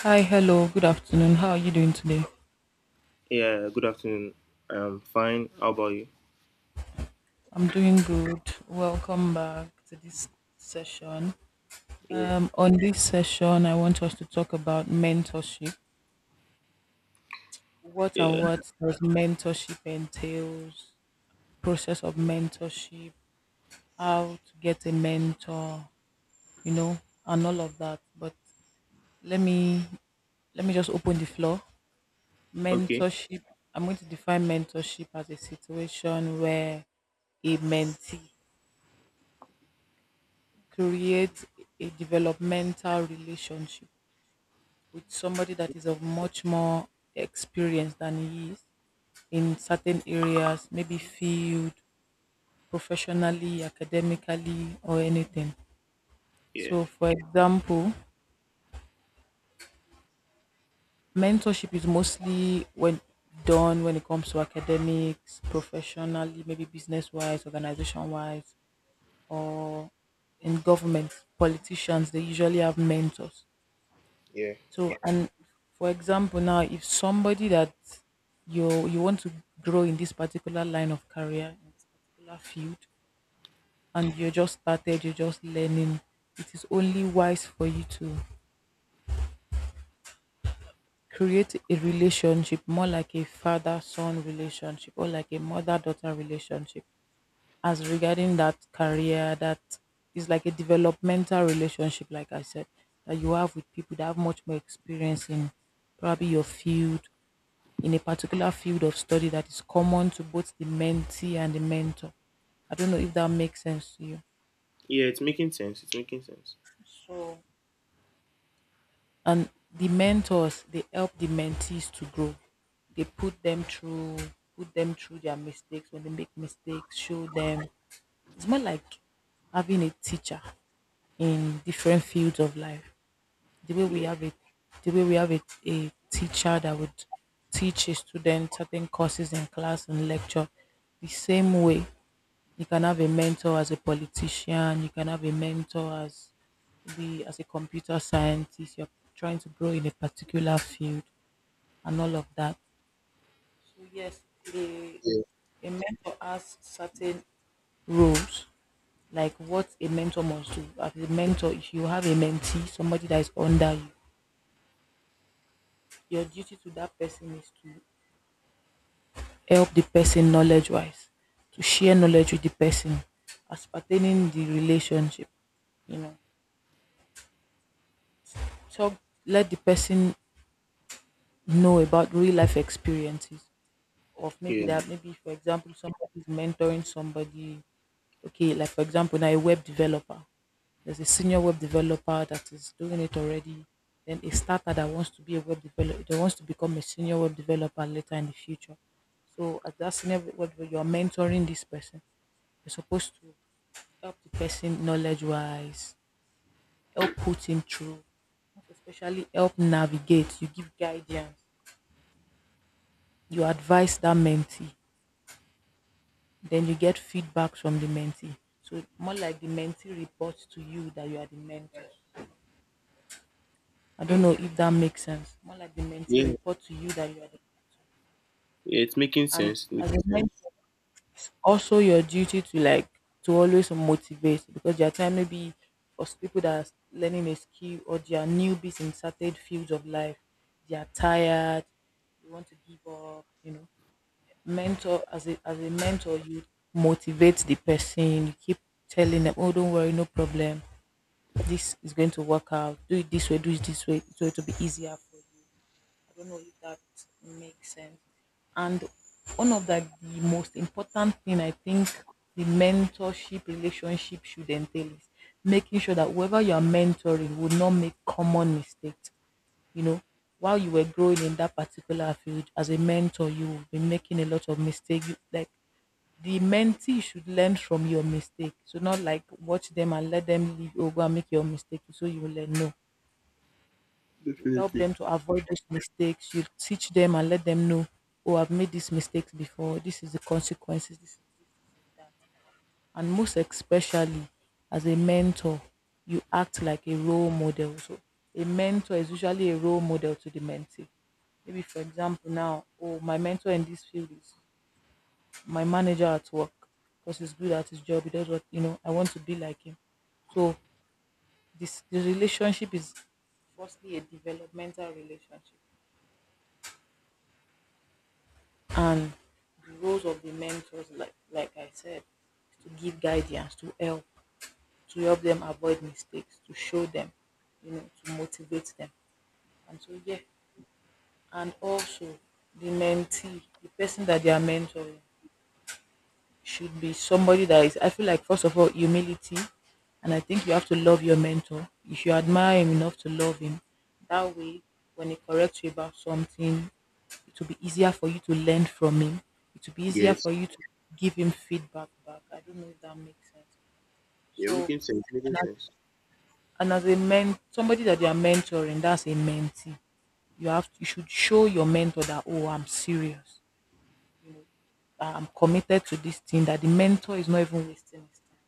Hi, hello, good afternoon. How are you doing today? Yeah, good afternoon. I'm fine. How about you? I'm doing good. Welcome back to this session. Yeah. On this session, I want us to talk about mentorship. What Yeah. and what does mentorship entails? The process of mentorship, how to get a mentor, and all of that. But let me let me just open the floor. Okay. Mentorship. I'm going to define mentorship as a situation where a mentee create a developmental relationship with somebody that is of much more experience than he is in certain areas, maybe field, professionally, academically, or anything. Yeah. So, for example, mentorship is mostly when done when it comes to academics, professionally, maybe business wise, organization wise, or in government, politicians, they usually have mentors. Yeah. So and for example now if somebody that you want to grow in this particular line of career, in this particular field and you're just started, you're just learning, it is only wise for you to create a relationship more like a father son relationship or like a mother daughter relationship as regarding that career that is like a developmental relationship like I said that you have with people that have much more experience in probably your field in a particular field of study that is common to both the mentee and the mentor. I don't know if that makes sense to you. Yeah, it's making sense. It's making sense. So, And the mentors, they help the mentees to grow. They put them through their mistakes. When they make mistakes, show them. It's more like having a teacher in different fields of life. The way we Yeah. have a, the way we have a teacher that would teach a student certain courses in class and lecture, the same way you can have a mentor as a politician, you can have a mentor as the as a computer scientist, you're trying to grow in a particular field and all of that. So yes, a a mentor has certain roles like what a mentor must do as a mentor if you have a mentee somebody that is under you your duty to that person is to help the person knowledge wise to share knowledge with the person as pertaining the relationship you know Talk. Let the person know about real life experiences of maybe Yeah. that maybe for example somebody is mentoring somebody. Okay, like for example now a web developer. There's a senior web developer that is doing it already. Then a starter that wants to be a web developer that wants to become a senior web developer later in the future. So as that senior web developer, you're mentoring this person. You're supposed to help the person knowledge wise, help put him through, most especially help navigate. You give guidance you advise that mentee, then you get feedback from the mentee. So more like the mentee reports to you that you are the mentor. I don't know if that makes sense. More like the Yeah. mentee report to you that you are the Yeah, it's making and sense. It's as making a sense. mentor, it's also your duty to like to always motivate because there are time maybe for people that are learning a skill or they are newbies in certain fields of life, they are tired, they want to give up, you know. Mentor as a mentor you motivate the person you keep telling them oh don't worry no problem this is going to work out do it this way do it this way so it will be easier for you. I don't know if that makes sense. And one of the most important thing I think the mentorship relationship should entail is making sure that whoever you are mentoring will not make common mistakes, you know, while you were growing in that particular field as a mentor, you will be making a lot of mistakes. Like the mentee should learn from your mistake. So not like watch them and let them leave over and make your mistake so you will learn. No. You help Definitely. them to avoid those mistakes. You teach them and let them know, oh, I've made these mistakes before. This is the consequences. This is that. And most especially as a mentor, you act like a role model. So a mentor is usually a role model to the mentee. Maybe, for example, now, oh, my mentor in this field is my manager at work because he's good at his job. He does what, you know, I want to be like him. So, this the relationship is firstly a developmental relationship. And the roles of the mentors, like I said, is to give guidance, to help them avoid mistakes, to show them, you know, to motivate them. And so, yeah, and also the mentee, the person that they are mentoring should be somebody that is I feel like first of all humility and I think you have to love your mentor if you admire him enough to love him that way when he corrects you about something it will be easier for you to learn from him it will be easier Yes. for you to give him feedback back. I don't know if that makes sense. Yeah, So making sense. Making and as, sense. and as a men somebody that you are mentoring that's a mentee you should show your mentor that oh I'm serious, you know, I'm committed to this thing that the mentor is not even wasting his time,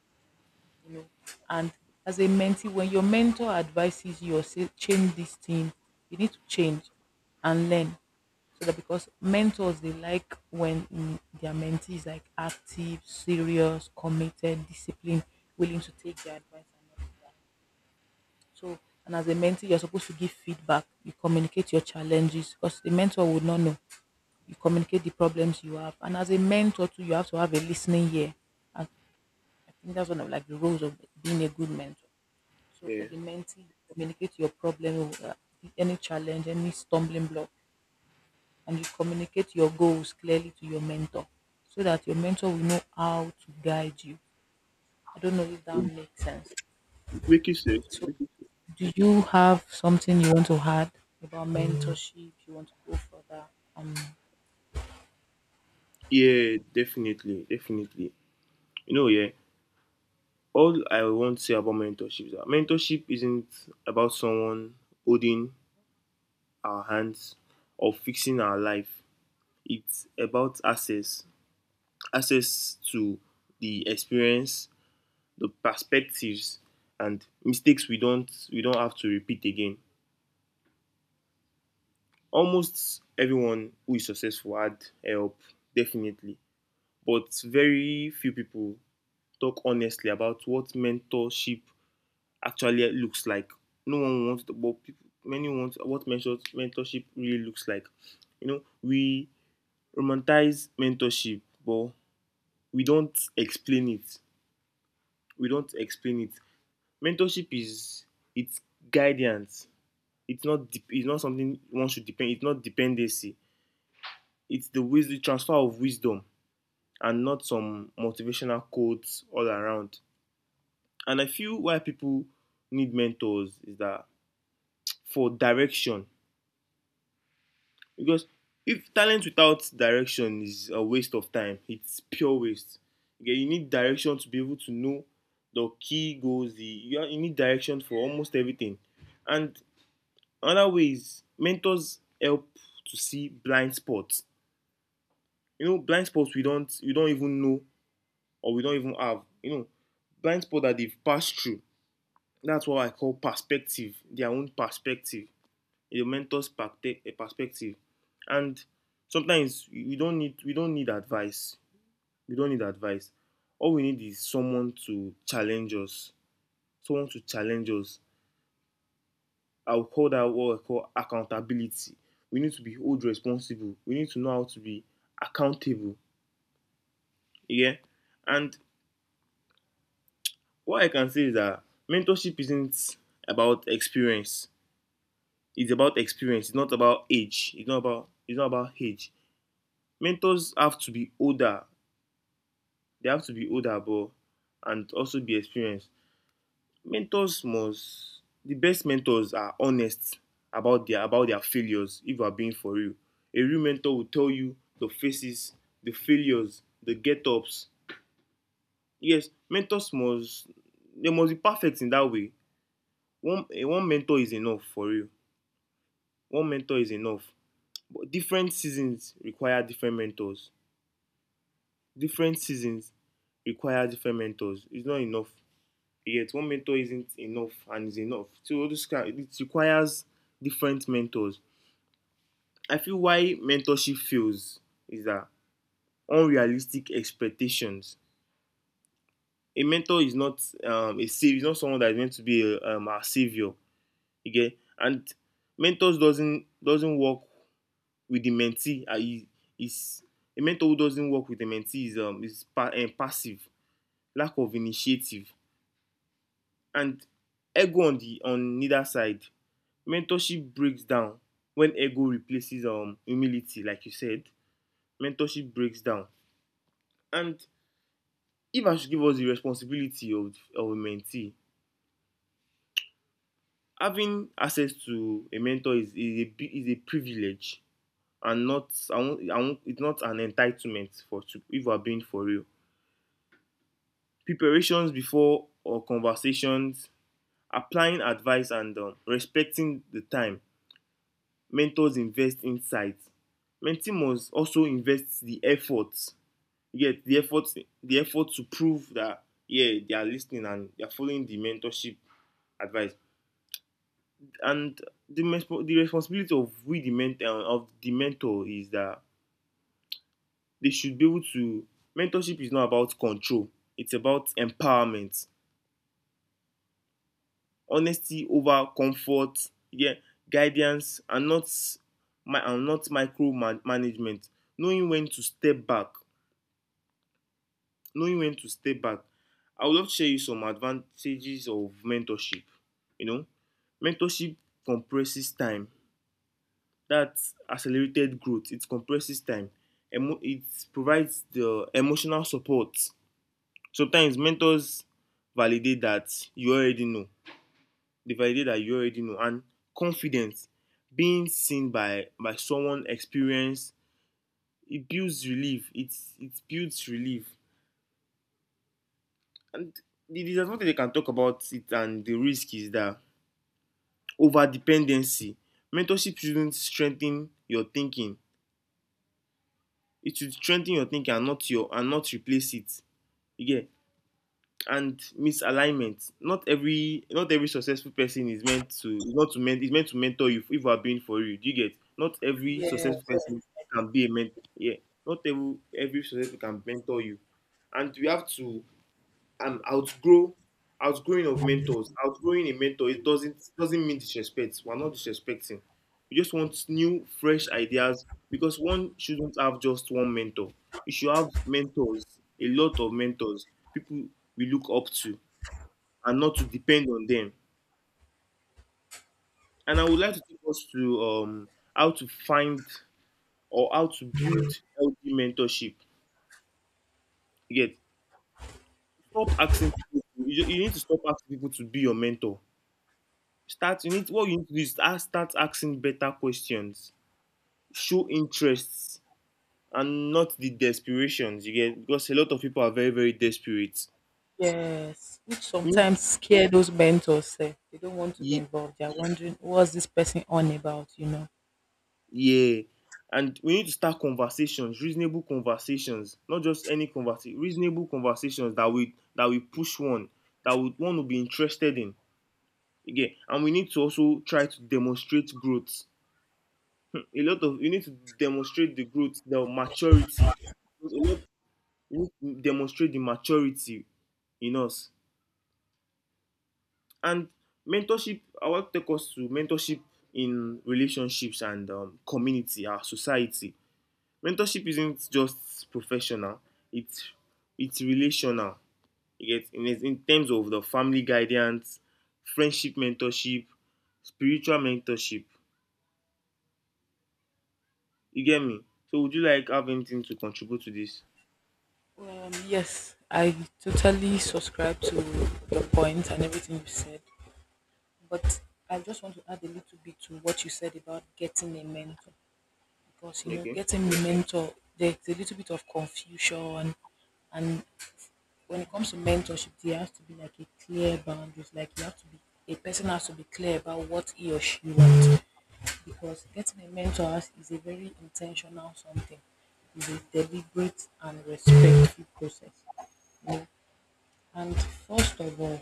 you know. And as a mentee when your mentor advises you or say change this thing you need to change and learn so that because mentors they like when their mentee is like active serious committed disciplined willing to take their advice and all of that. So and as a mentee you're supposed to give feedback you communicate your challenges because the mentor would not know you communicate the problems you have and as a mentor too you have to have a listening ear and I think that's one of like the roles of being a good mentor. So for Yeah. the mentee, you communicate your problem, any challenge, any stumbling block, and you communicate your goals clearly to your mentor so that your mentor will know how to guide you. I don't know if that makes sense. It's making sense. It's So making sense. do you have something you want to add about mentorship? You want to go for that? Yeah, definitely. Definitely. You know, yeah. All I want to say about mentorship is that mentorship isn't about someone holding our hands or fixing our life. It's about access to the experience, the perspectives, and mistakes we don't have to repeat again. Almost everyone who is successful had help, definitely, but very few people talk honestly about what mentorship actually looks like. No one wants to, but people, many want what mentorship really looks like. You know, we romanticize mentorship, but we don't explain it. We don't explain it. Mentorship is it's guidance. It's not something one should depend. It's not dependency. It's the wisdom, the transfer of wisdom, and not some motivational quotes all around. And I feel why people need mentors is that for direction. Because if talent without direction is a waste of time, it's pure waste. Okay, you need direction to be able to know the key goals, the you need direction for almost everything. And another way is mentors help to see blind spots. You know, blind spots we don't even know or we don't even have. You know, blind spot that they've passed through. That's what I call perspective, their own perspective, a mentor's perspective. And sometimes we don't need advice. We don't need advice. All we need is someone to challenge us, someone to challenge us, I would call that what I call accountability. We need to be hold responsible. We need to know how to be accountable. Yeah. And what I can say is that mentorship isn't about experience. It's about experience. It's not about age. It's not about age. Mentors have to be older. They have to be older, but and also be experienced. Mentors must the best mentors are honest about their failures. If you are being for real, a real mentor will tell you the faces, the failures, the get ups. Yes, mentors must they must be perfect in that way. One mentor is enough for real. One mentor is enough. But different seasons require different mentors. Different seasons require different mentors. It's not enough yet. One mentor isn't enough and is enough, so this it requires different mentors. I feel why mentorship fails is that unrealistic expectations. A mentor is not a savior. Is not someone that is meant to be our savior. You get. And mentors doesn't work with the mentee. He, is a mentor who doesn't work with the mentee is passive, lack of initiative, and ego on the on neither side. Mentorship breaks down when ego replaces humility, like you said. Mentorship breaks down. And if I should give us the responsibility of a mentee, having access to a mentor is a privilege, and not I won't I won't it's not an entitlement for to if we're being for real. Preparations before or conversations, applying advice and respecting the time. Mentors invest insight, mentee must also invest the effort. You get, the effort to prove that yeah, they are listening and they are following the mentorship advice. And the the responsibility of we the mentor of the mentor is that they should be able to mentorship is not about control. It's about empowerment, honesty over comfort. Yeah, guidance and not my and not micro management. Knowing when to step back. Knowing when to step back. I would love to share you some advantages of mentorship. You know, mentorship compresses time. That's accelerated growth. It compresses time. It provides the emotional support. Sometimes mentors validate that you already know. They validate that you already know. And confidence, being seen by someone experienced, it builds relief. It builds relief. And the disadvantage they can talk about it and the risk is that over dependency. Mentorship shouldn't strengthen your thinking. It should strengthen your thinking and not replace it. Yeah, and misalignment, not every successful person is meant to is not to men is meant to mentor you if you are being for you. Do you get, not every Yeah, successful person can be a mentor. Yeah, not every successful can mentor you. And we have to I'm outgrow outgrowing of mentors. Outgrowing a mentor, it doesn't mean disrespect. We're not disrespecting. We just want new, fresh ideas because one shouldn't have just one mentor. You should have mentors, a lot of mentors, people we look up to, and not to depend on them. And I would like to take us to how to find or how to build healthy mentorship. You get, stop asking people. You need to stop asking people to be your mentor. Start you need what you need to do is ask start asking better questions. Show interests and not the desperations, you get, because a lot of people are very, very desperate. yes. Which We need to, sometimes scare those mentors. Eh. They don't want to be ye- involved. They're wondering what's this person on about, you know. yeah. And we need to start conversations, reasonable conversations, not just any conversation, reasonable conversations that we push one, that would one will be interested in. Again, and we need to also try to demonstrate growth. A lot of you need to demonstrate the growth, the maturity. A lot we demonstrate the maturity in us. And mentorship, I want to take us to mentorship in relationships and community, our society. Mentorship isn't just professional; it's relational. You get, in terms of the family guidance, friendship mentorship, spiritual mentorship. You get me? So, would you like have anything to contribute to this? Yes, I totally subscribe to your point and everything you said, but I just want to add a little bit to what you said about getting a mentor because you know, Okay. getting a mentor, there's a little bit of confusion, and when it comes to mentorship, there has to be like a clear boundaries, like you have to be a person has to be clear about what he or she wants because getting a mentor is a very intentional something, it's a deliberate and respectful process and first of all,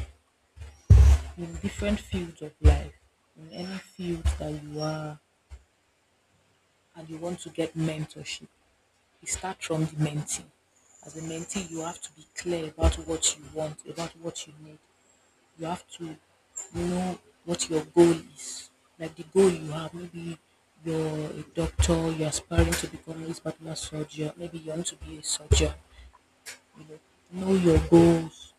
in different fields of life, in any field that you are and you want to get mentorship, you start from the mentee. As a mentee, you have to be clear about what you want, about what you need. You have to know what your goal is. Like the goal you have, maybe you're a doctor, you're aspiring to become this particular surgeon, maybe you want to be a surgeon. You know your goals,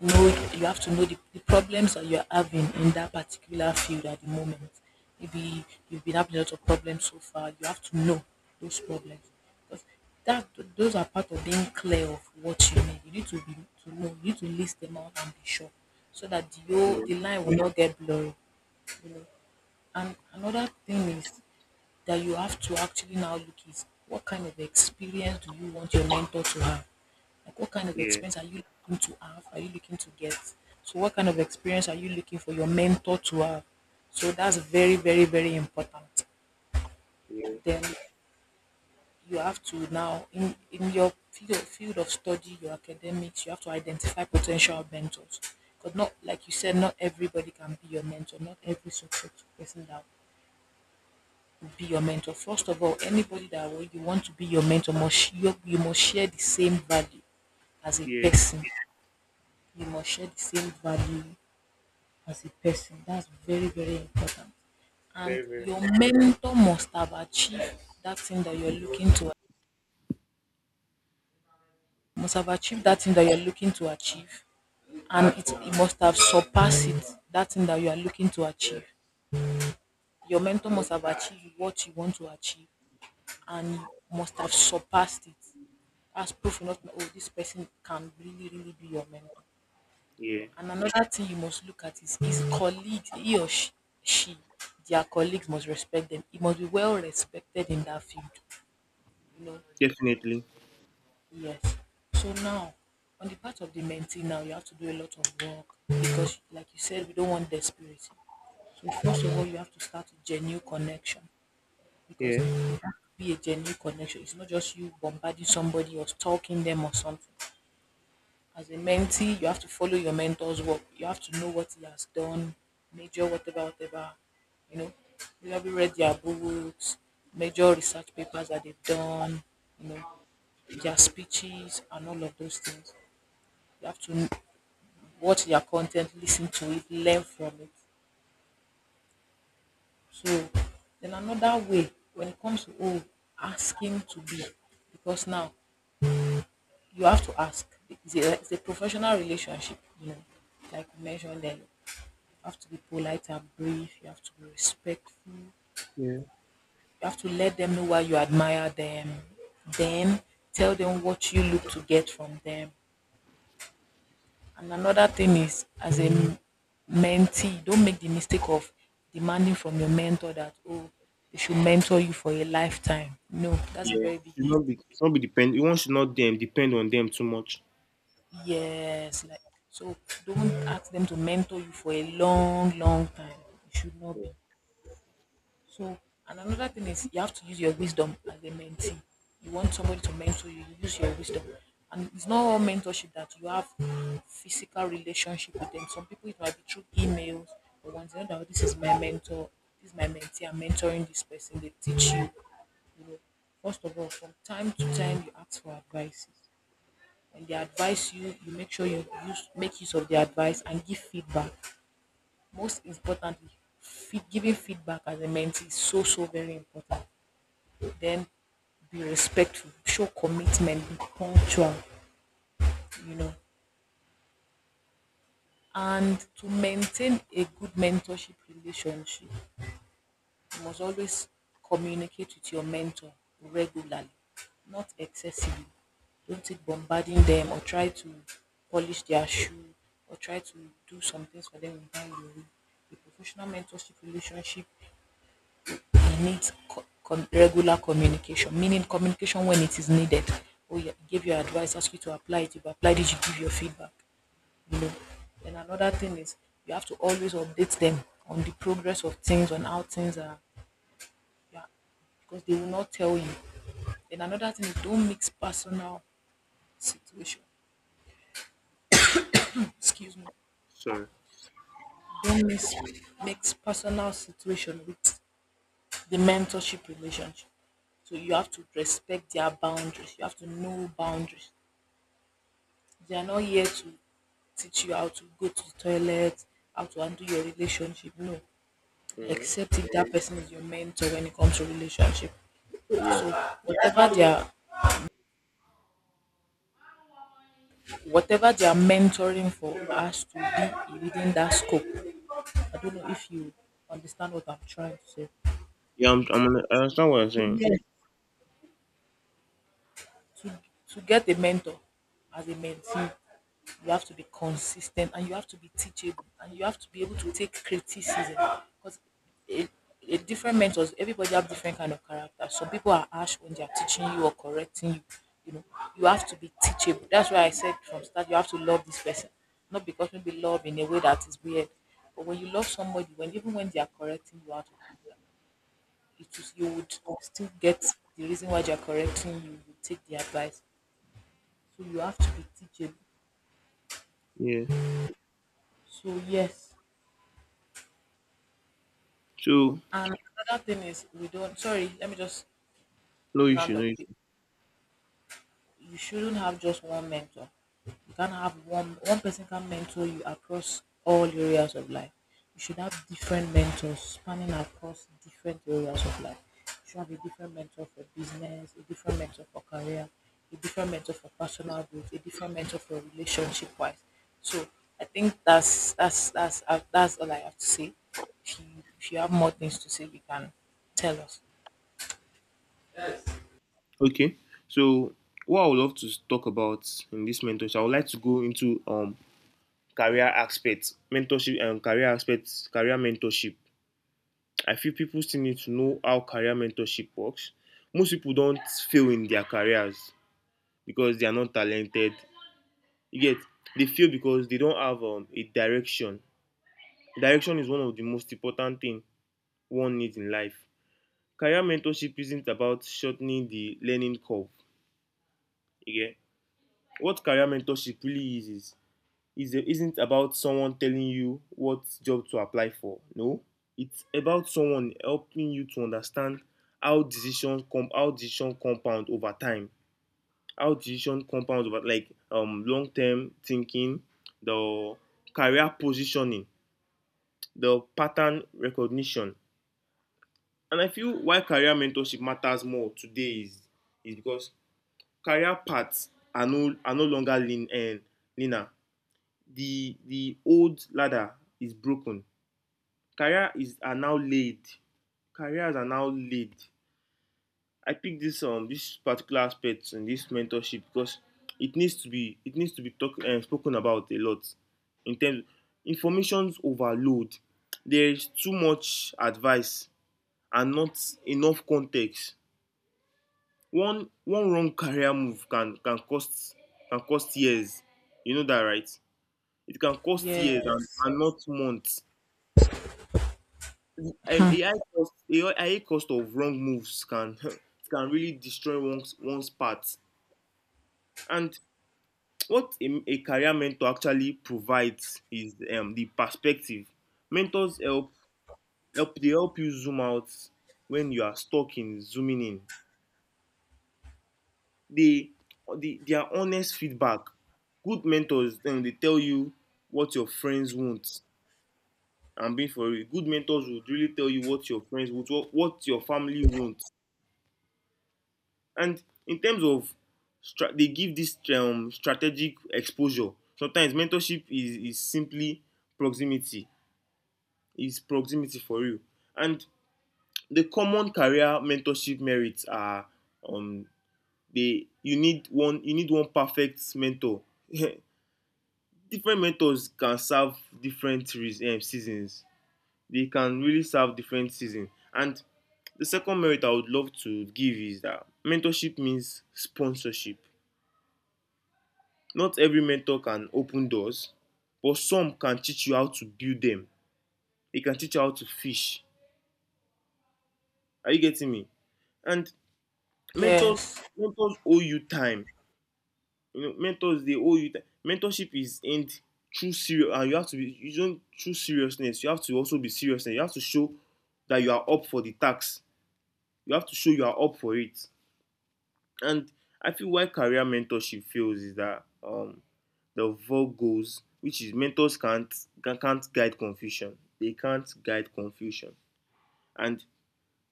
know you have to know the problems that you're having in that particular field at the moment. Maybe you've been having a lot of problems so far. You have to know those problems because that those are part of being clear of what you need. To know. You need to list them out and be sure so that Yeah. the line will not get blurry. You know. And another thing is that you have to actually now look is what kind of experience do you want your mentor to have? Like what kind of Yeah. experience are you looking to have? Are you looking to get? So what kind of experience are you looking for your mentor to have? So that's very, very, very important. Yeah. Then you have to now in your field of study, your academics, you have to identify potential mentors. Because not like you said, not everybody can be your mentor, not every successful person that be your mentor. First of all, anybody that you want to be your mentor must you must share the same value as a Yeah. person. You must share the same value as a person. That's very very important. And Very very. your mentor must have achieved that thing that you're looking to must have achieved that thing that you're looking to achieve and it must have surpassed it that thing that you are looking to achieve your mentor must have achieved what you want to achieve and must have surpassed it as proof enough that oh, this person can really, really be your mentor. Yeah. And another thing you must look at is his colleagues, he or she, their colleagues must respect them. He must be well respected in that field, you know. Definitely. Yes. So now, on the part of the mentee, now you have to do a lot of work because, like you said, we don't want desperation. So first of all, you have to start a genuine connection because it Yeah, has to be a genuine connection. It's not just you bombarding somebody or stalking them or something. As a mentee, you have to follow your mentor's work. You have to know what he has done, major whatever, whatever. You know, you have read their books, major research papers that they've done. You know, their speeches and all of those things. You have to watch their content, listen to it, learn from it. So, then another way when it comes to oh, asking to be, because now you have to ask. It's a professional relationship. You know, like we mentioned earlier have to be polite and brief. You have to be respectful. You yeah. have to let them know why you admire them. Then tell them what you look to get from them. And another thing is, as a mentee, don't make the mistake of demanding from your mentor that, oh, they should mentor you for a lifetime. No, that's a Yeah, very big should mistake. not be should not be depend. One should not dem depend on them too much. Yes, like so don't ask them to mentor you for a long, long time. It should not Yeah, be. So, and another thing is you have to use your wisdom as a mentee. You want somebody to mentor you, you use your wisdom. And it's not all mentorship that you have physical relationship with them. Some people it might be through emails or ones you know that this is my mentor, this is my mentee, I'm mentoring this person, they teach you. You know, first of all, from time to time you ask for advices. When they advise you, you make sure you use make use of their advice and give feedback. Most importantly, feed, giving feedback as a mentee is so so very important then be respectful, show commitment, be punctual, you know. And to maintain a good mentorship relationship, you must always communicate with your mentor regularly, not excessively. Don't take bombarding them or try to polish their shoe or try to do some things for them without your way. A professional mentorship relationship it needs co- com- regular communication, meaning communication when it is needed. Oh, yeah, he gave you advice, ask you to apply it. You've applied it, you give your feedback. You know. Then another thing is you have to always update them on the progress of things, on how things are. Yeah, because they will not tell you. Then another thing is don't mix personal situation. Excuse me. sorry. Don't mix personal situation with the mentorship relationship. So you have to respect their boundaries. You have to know boundaries. They are not here to teach you how to go to the toilet, how to undo your relationship. No, Mm. except if that person is your mentor when it comes to relationship. Yeah, So whatever they are, whatever they are mentoring for us to be within that scope. I don't know if you understand what I'm trying to say. yeah. I understand what you're saying. Yes. to to get a mentor as a mentee, you have to be consistent and you have to be teachable and you have to be able to take criticism because a, a different mentors, everybody have different kind of character. Some people are harsh when they are teaching you or correcting you. You know, you have to be teachable. That's why I said from start, you have to love this person, not because maybe love in a way that is weird, but when you love somebody, when even when they are correcting you out of anger, it is you would still get the reason why they are correcting you. You take the advice so you have to be teachable. Yeah. So yes. So And another thing is we don't sorry, let me just no issue, round no up quick. issue. You shouldn't have just one mentor. You can't have one one person can mentor you across all areas of life. You should have different mentors spanning across different areas of life. You should have a different mentor for business, a different mentor for career, a different mentor for personal growth, a different mentor for relationship wise. So I think that's all I have to say. If you if you have more things to say, you can tell us. Okay. So what I would love to talk about in this mentorship, I would like to go into career aspects, mentorship and career aspects, career mentorship. I feel people still need to know how career mentorship works. Most people don't fail in their careers because they are not talented. You get, they fail because they don't have a direction. Direction is one of the most important thing one needs in life. Career mentorship isn't about shortening the learning curve. You get, what career mentorship really is isn't about someone telling you what job to apply for. No, it's about someone helping you to understand how decision compound over time. How decision compound over like long term thinking, the career positioning, the pattern recognition. And I feel why career mentorship matters more today is because career paths are no longer lean and linear. The old ladder is broken. Career is are now laid. Careers are now laid. I picked this this particular aspect in this mentorship because it needs to be spoken about a lot in terms of information's overload. There is too much advice and not enough context. One wrong career move can cost years. You know that right? It can cost years, and, Yes. and not months. A I cost of wrong moves can, it can really destroy one's path. And what a career mentor actually provides is the perspective. Mentors help you zoom out when you are stuck in zooming in. They, they Their honest feedback, good mentors then they tell you what your friends want. And being for real, good mentors would really tell you what your friends want, what your family wants. And in terms of they give this strategic exposure. Sometimes mentorship is simply proximity. It's proximity for you. And the common career mentorship merits are um they you need one perfect mentor. Different mentors can serve different seasons. They can really serve different seasons. And the second merit I would love to give is that mentorship means sponsorship. Not every mentor can open doors, but some can teach you how to build them. They can teach you how to fish. Are you getting me? And mentors Yes. mentors owe you time. Mentors they owe you time. Mentorship is end true serious and you have to be, you don't true seriousness, you have to also be serious. You have to show that you are up for the task. You have to show you are up for it. And I feel why career mentorship fails is that the four goals, which is mentors can't guide confusion, they can't guide confusion. And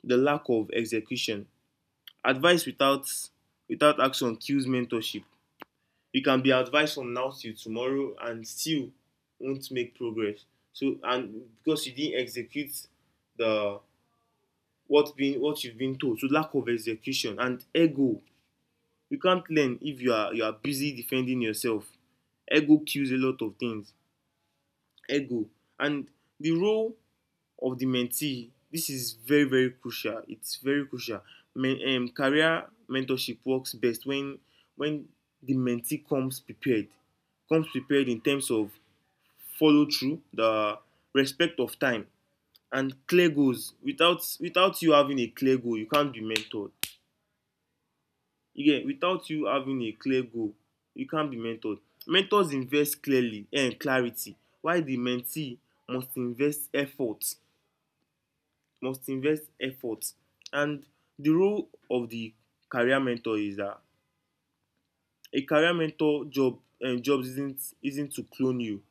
the lack of execution, advice without action kills mentorship. You can be advised from now till tomorrow and still won't make progress, so, and because you didn't execute the, what you've been told. So lack of execution and ego. You can't learn if you are busy defending yourself. Ego kills a lot of things. Ego. And the role of the mentee, this is very, very crucial, it's very crucial. Men Career mentorship works best when the mentee comes prepared, comes prepared in terms of follow through, the respect of time, and clear goals. Without you having a clear goal you can't be mentored. You, without you having a clear goal, you can't be mentored. Mentors invest clearly and clarity, while the mentee must invest effort, must invest effort. And the role of the career mentor is that a career mentor job, job isn't to clone you,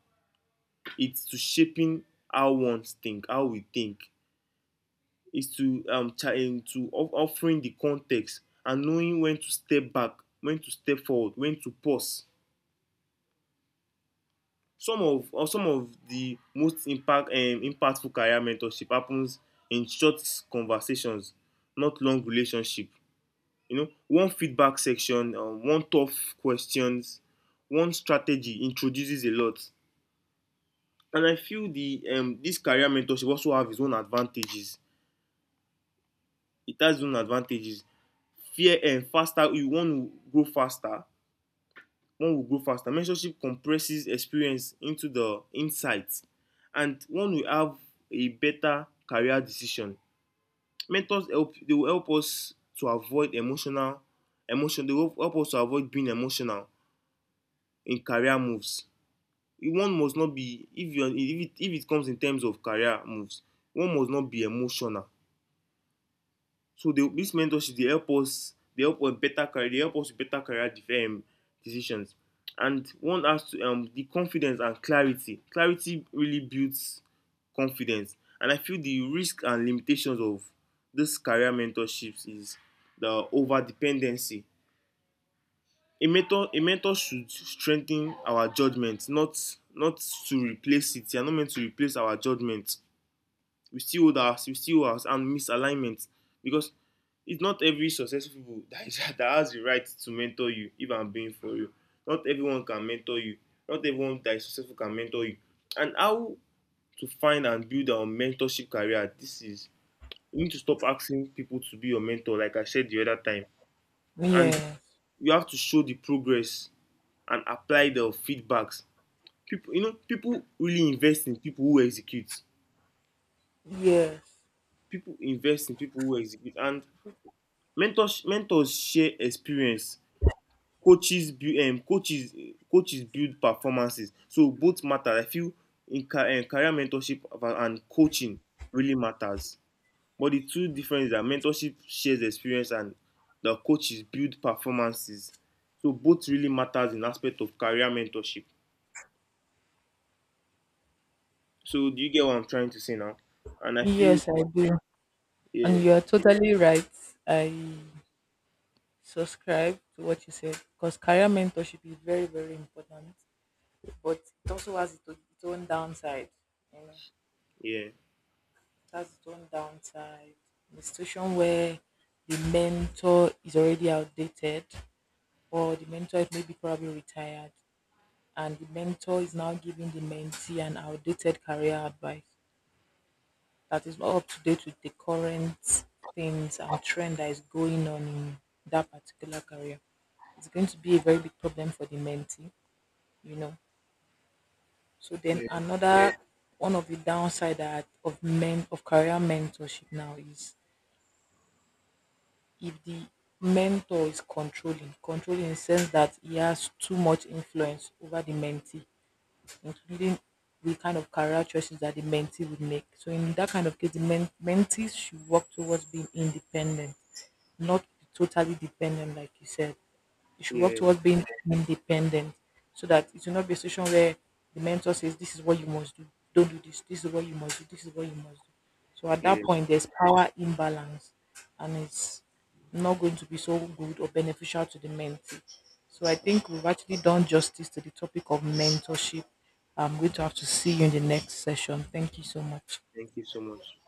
it's to shaping how one think, how we think. It's to offering the context and knowing when to step back, when to step forward, when to pause. Some of the most impactful career mentorship happens in short conversations, not long relationship. You know, one feedback section, one tough questions, one strategy introduces a lot. And I feel the this career mentorship also have its own advantages. It has its own advantages. Fear and faster, you want to grow faster. One will grow faster. Mentorship compresses experience into the insights, and one will have a better career decision. Mentors help. They will help us to avoid emotion. They will help us to avoid being emotional in career moves. One must not be, if it comes in terms of career moves, one must not be emotional. So they, this mentorship, they help us better career, they help us with better career def decisions. And one has to the confidence and clarity. Clarity really builds confidence. And I feel the risk and limitations of this career mentorships is the over dependency. A mentor should strengthen our judgment, not to replace it. They are not meant to replace our judgment. We still hold our, and misalignment, because it's not every successful people that has the right to mentor you. If I'm being for you, not everyone can mentor you. Not everyone that is successful can mentor you. And how to find and build our mentorship career? This is, you need to stop asking people to be your mentor, like I said the other time, and Yes. you have to show the progress and apply the feedbacks. People, people really invest in people who execute. Yes, People invest in people who execute, and mentors share experience. Coaches build, coaches, coaches build performances. So both matter. I feel in career mentorship and coaching really matters. But the two different is that mentorship shares experience and the coaches build performances. So both really matters in aspect of career mentorship. So do you get what I'm trying to say now? And I feel, yes, I do. And yeah, you are totally right. I subscribe to what you said because career mentorship is very, very important, but it also has its own downside. You know, yeah, it has its own downside. In a situation where the mentor is already outdated, or the mentor is maybe probably retired, and the mentor is now giving the mentee an outdated career advice that is not up to date with the current things and trend that is going on in that particular career. It's going to be a very big problem for the mentee, you know. So then, yeah, yeah, another one of the downside that of men of career mentorship now is if the mentor is controlling, controlling in the sense that he has too much influence over the mentee including the kind of career choices that the mentee would make. So in that kind of case, the men- mentees should work towards being independent, not totally dependent, like you said you should work yeah, towards being independent so that it will not be a situation where the mentor says, "This is what you must do. Don't do this. This is what you must do. This is what you must do." So at yeah. that point, there's power imbalance and it's not going to be so good or beneficial to the mentee. So I think we've actually done justice to the topic of mentorship. I'm going to have to see you in the next session. Thank you so much. Thank you so much.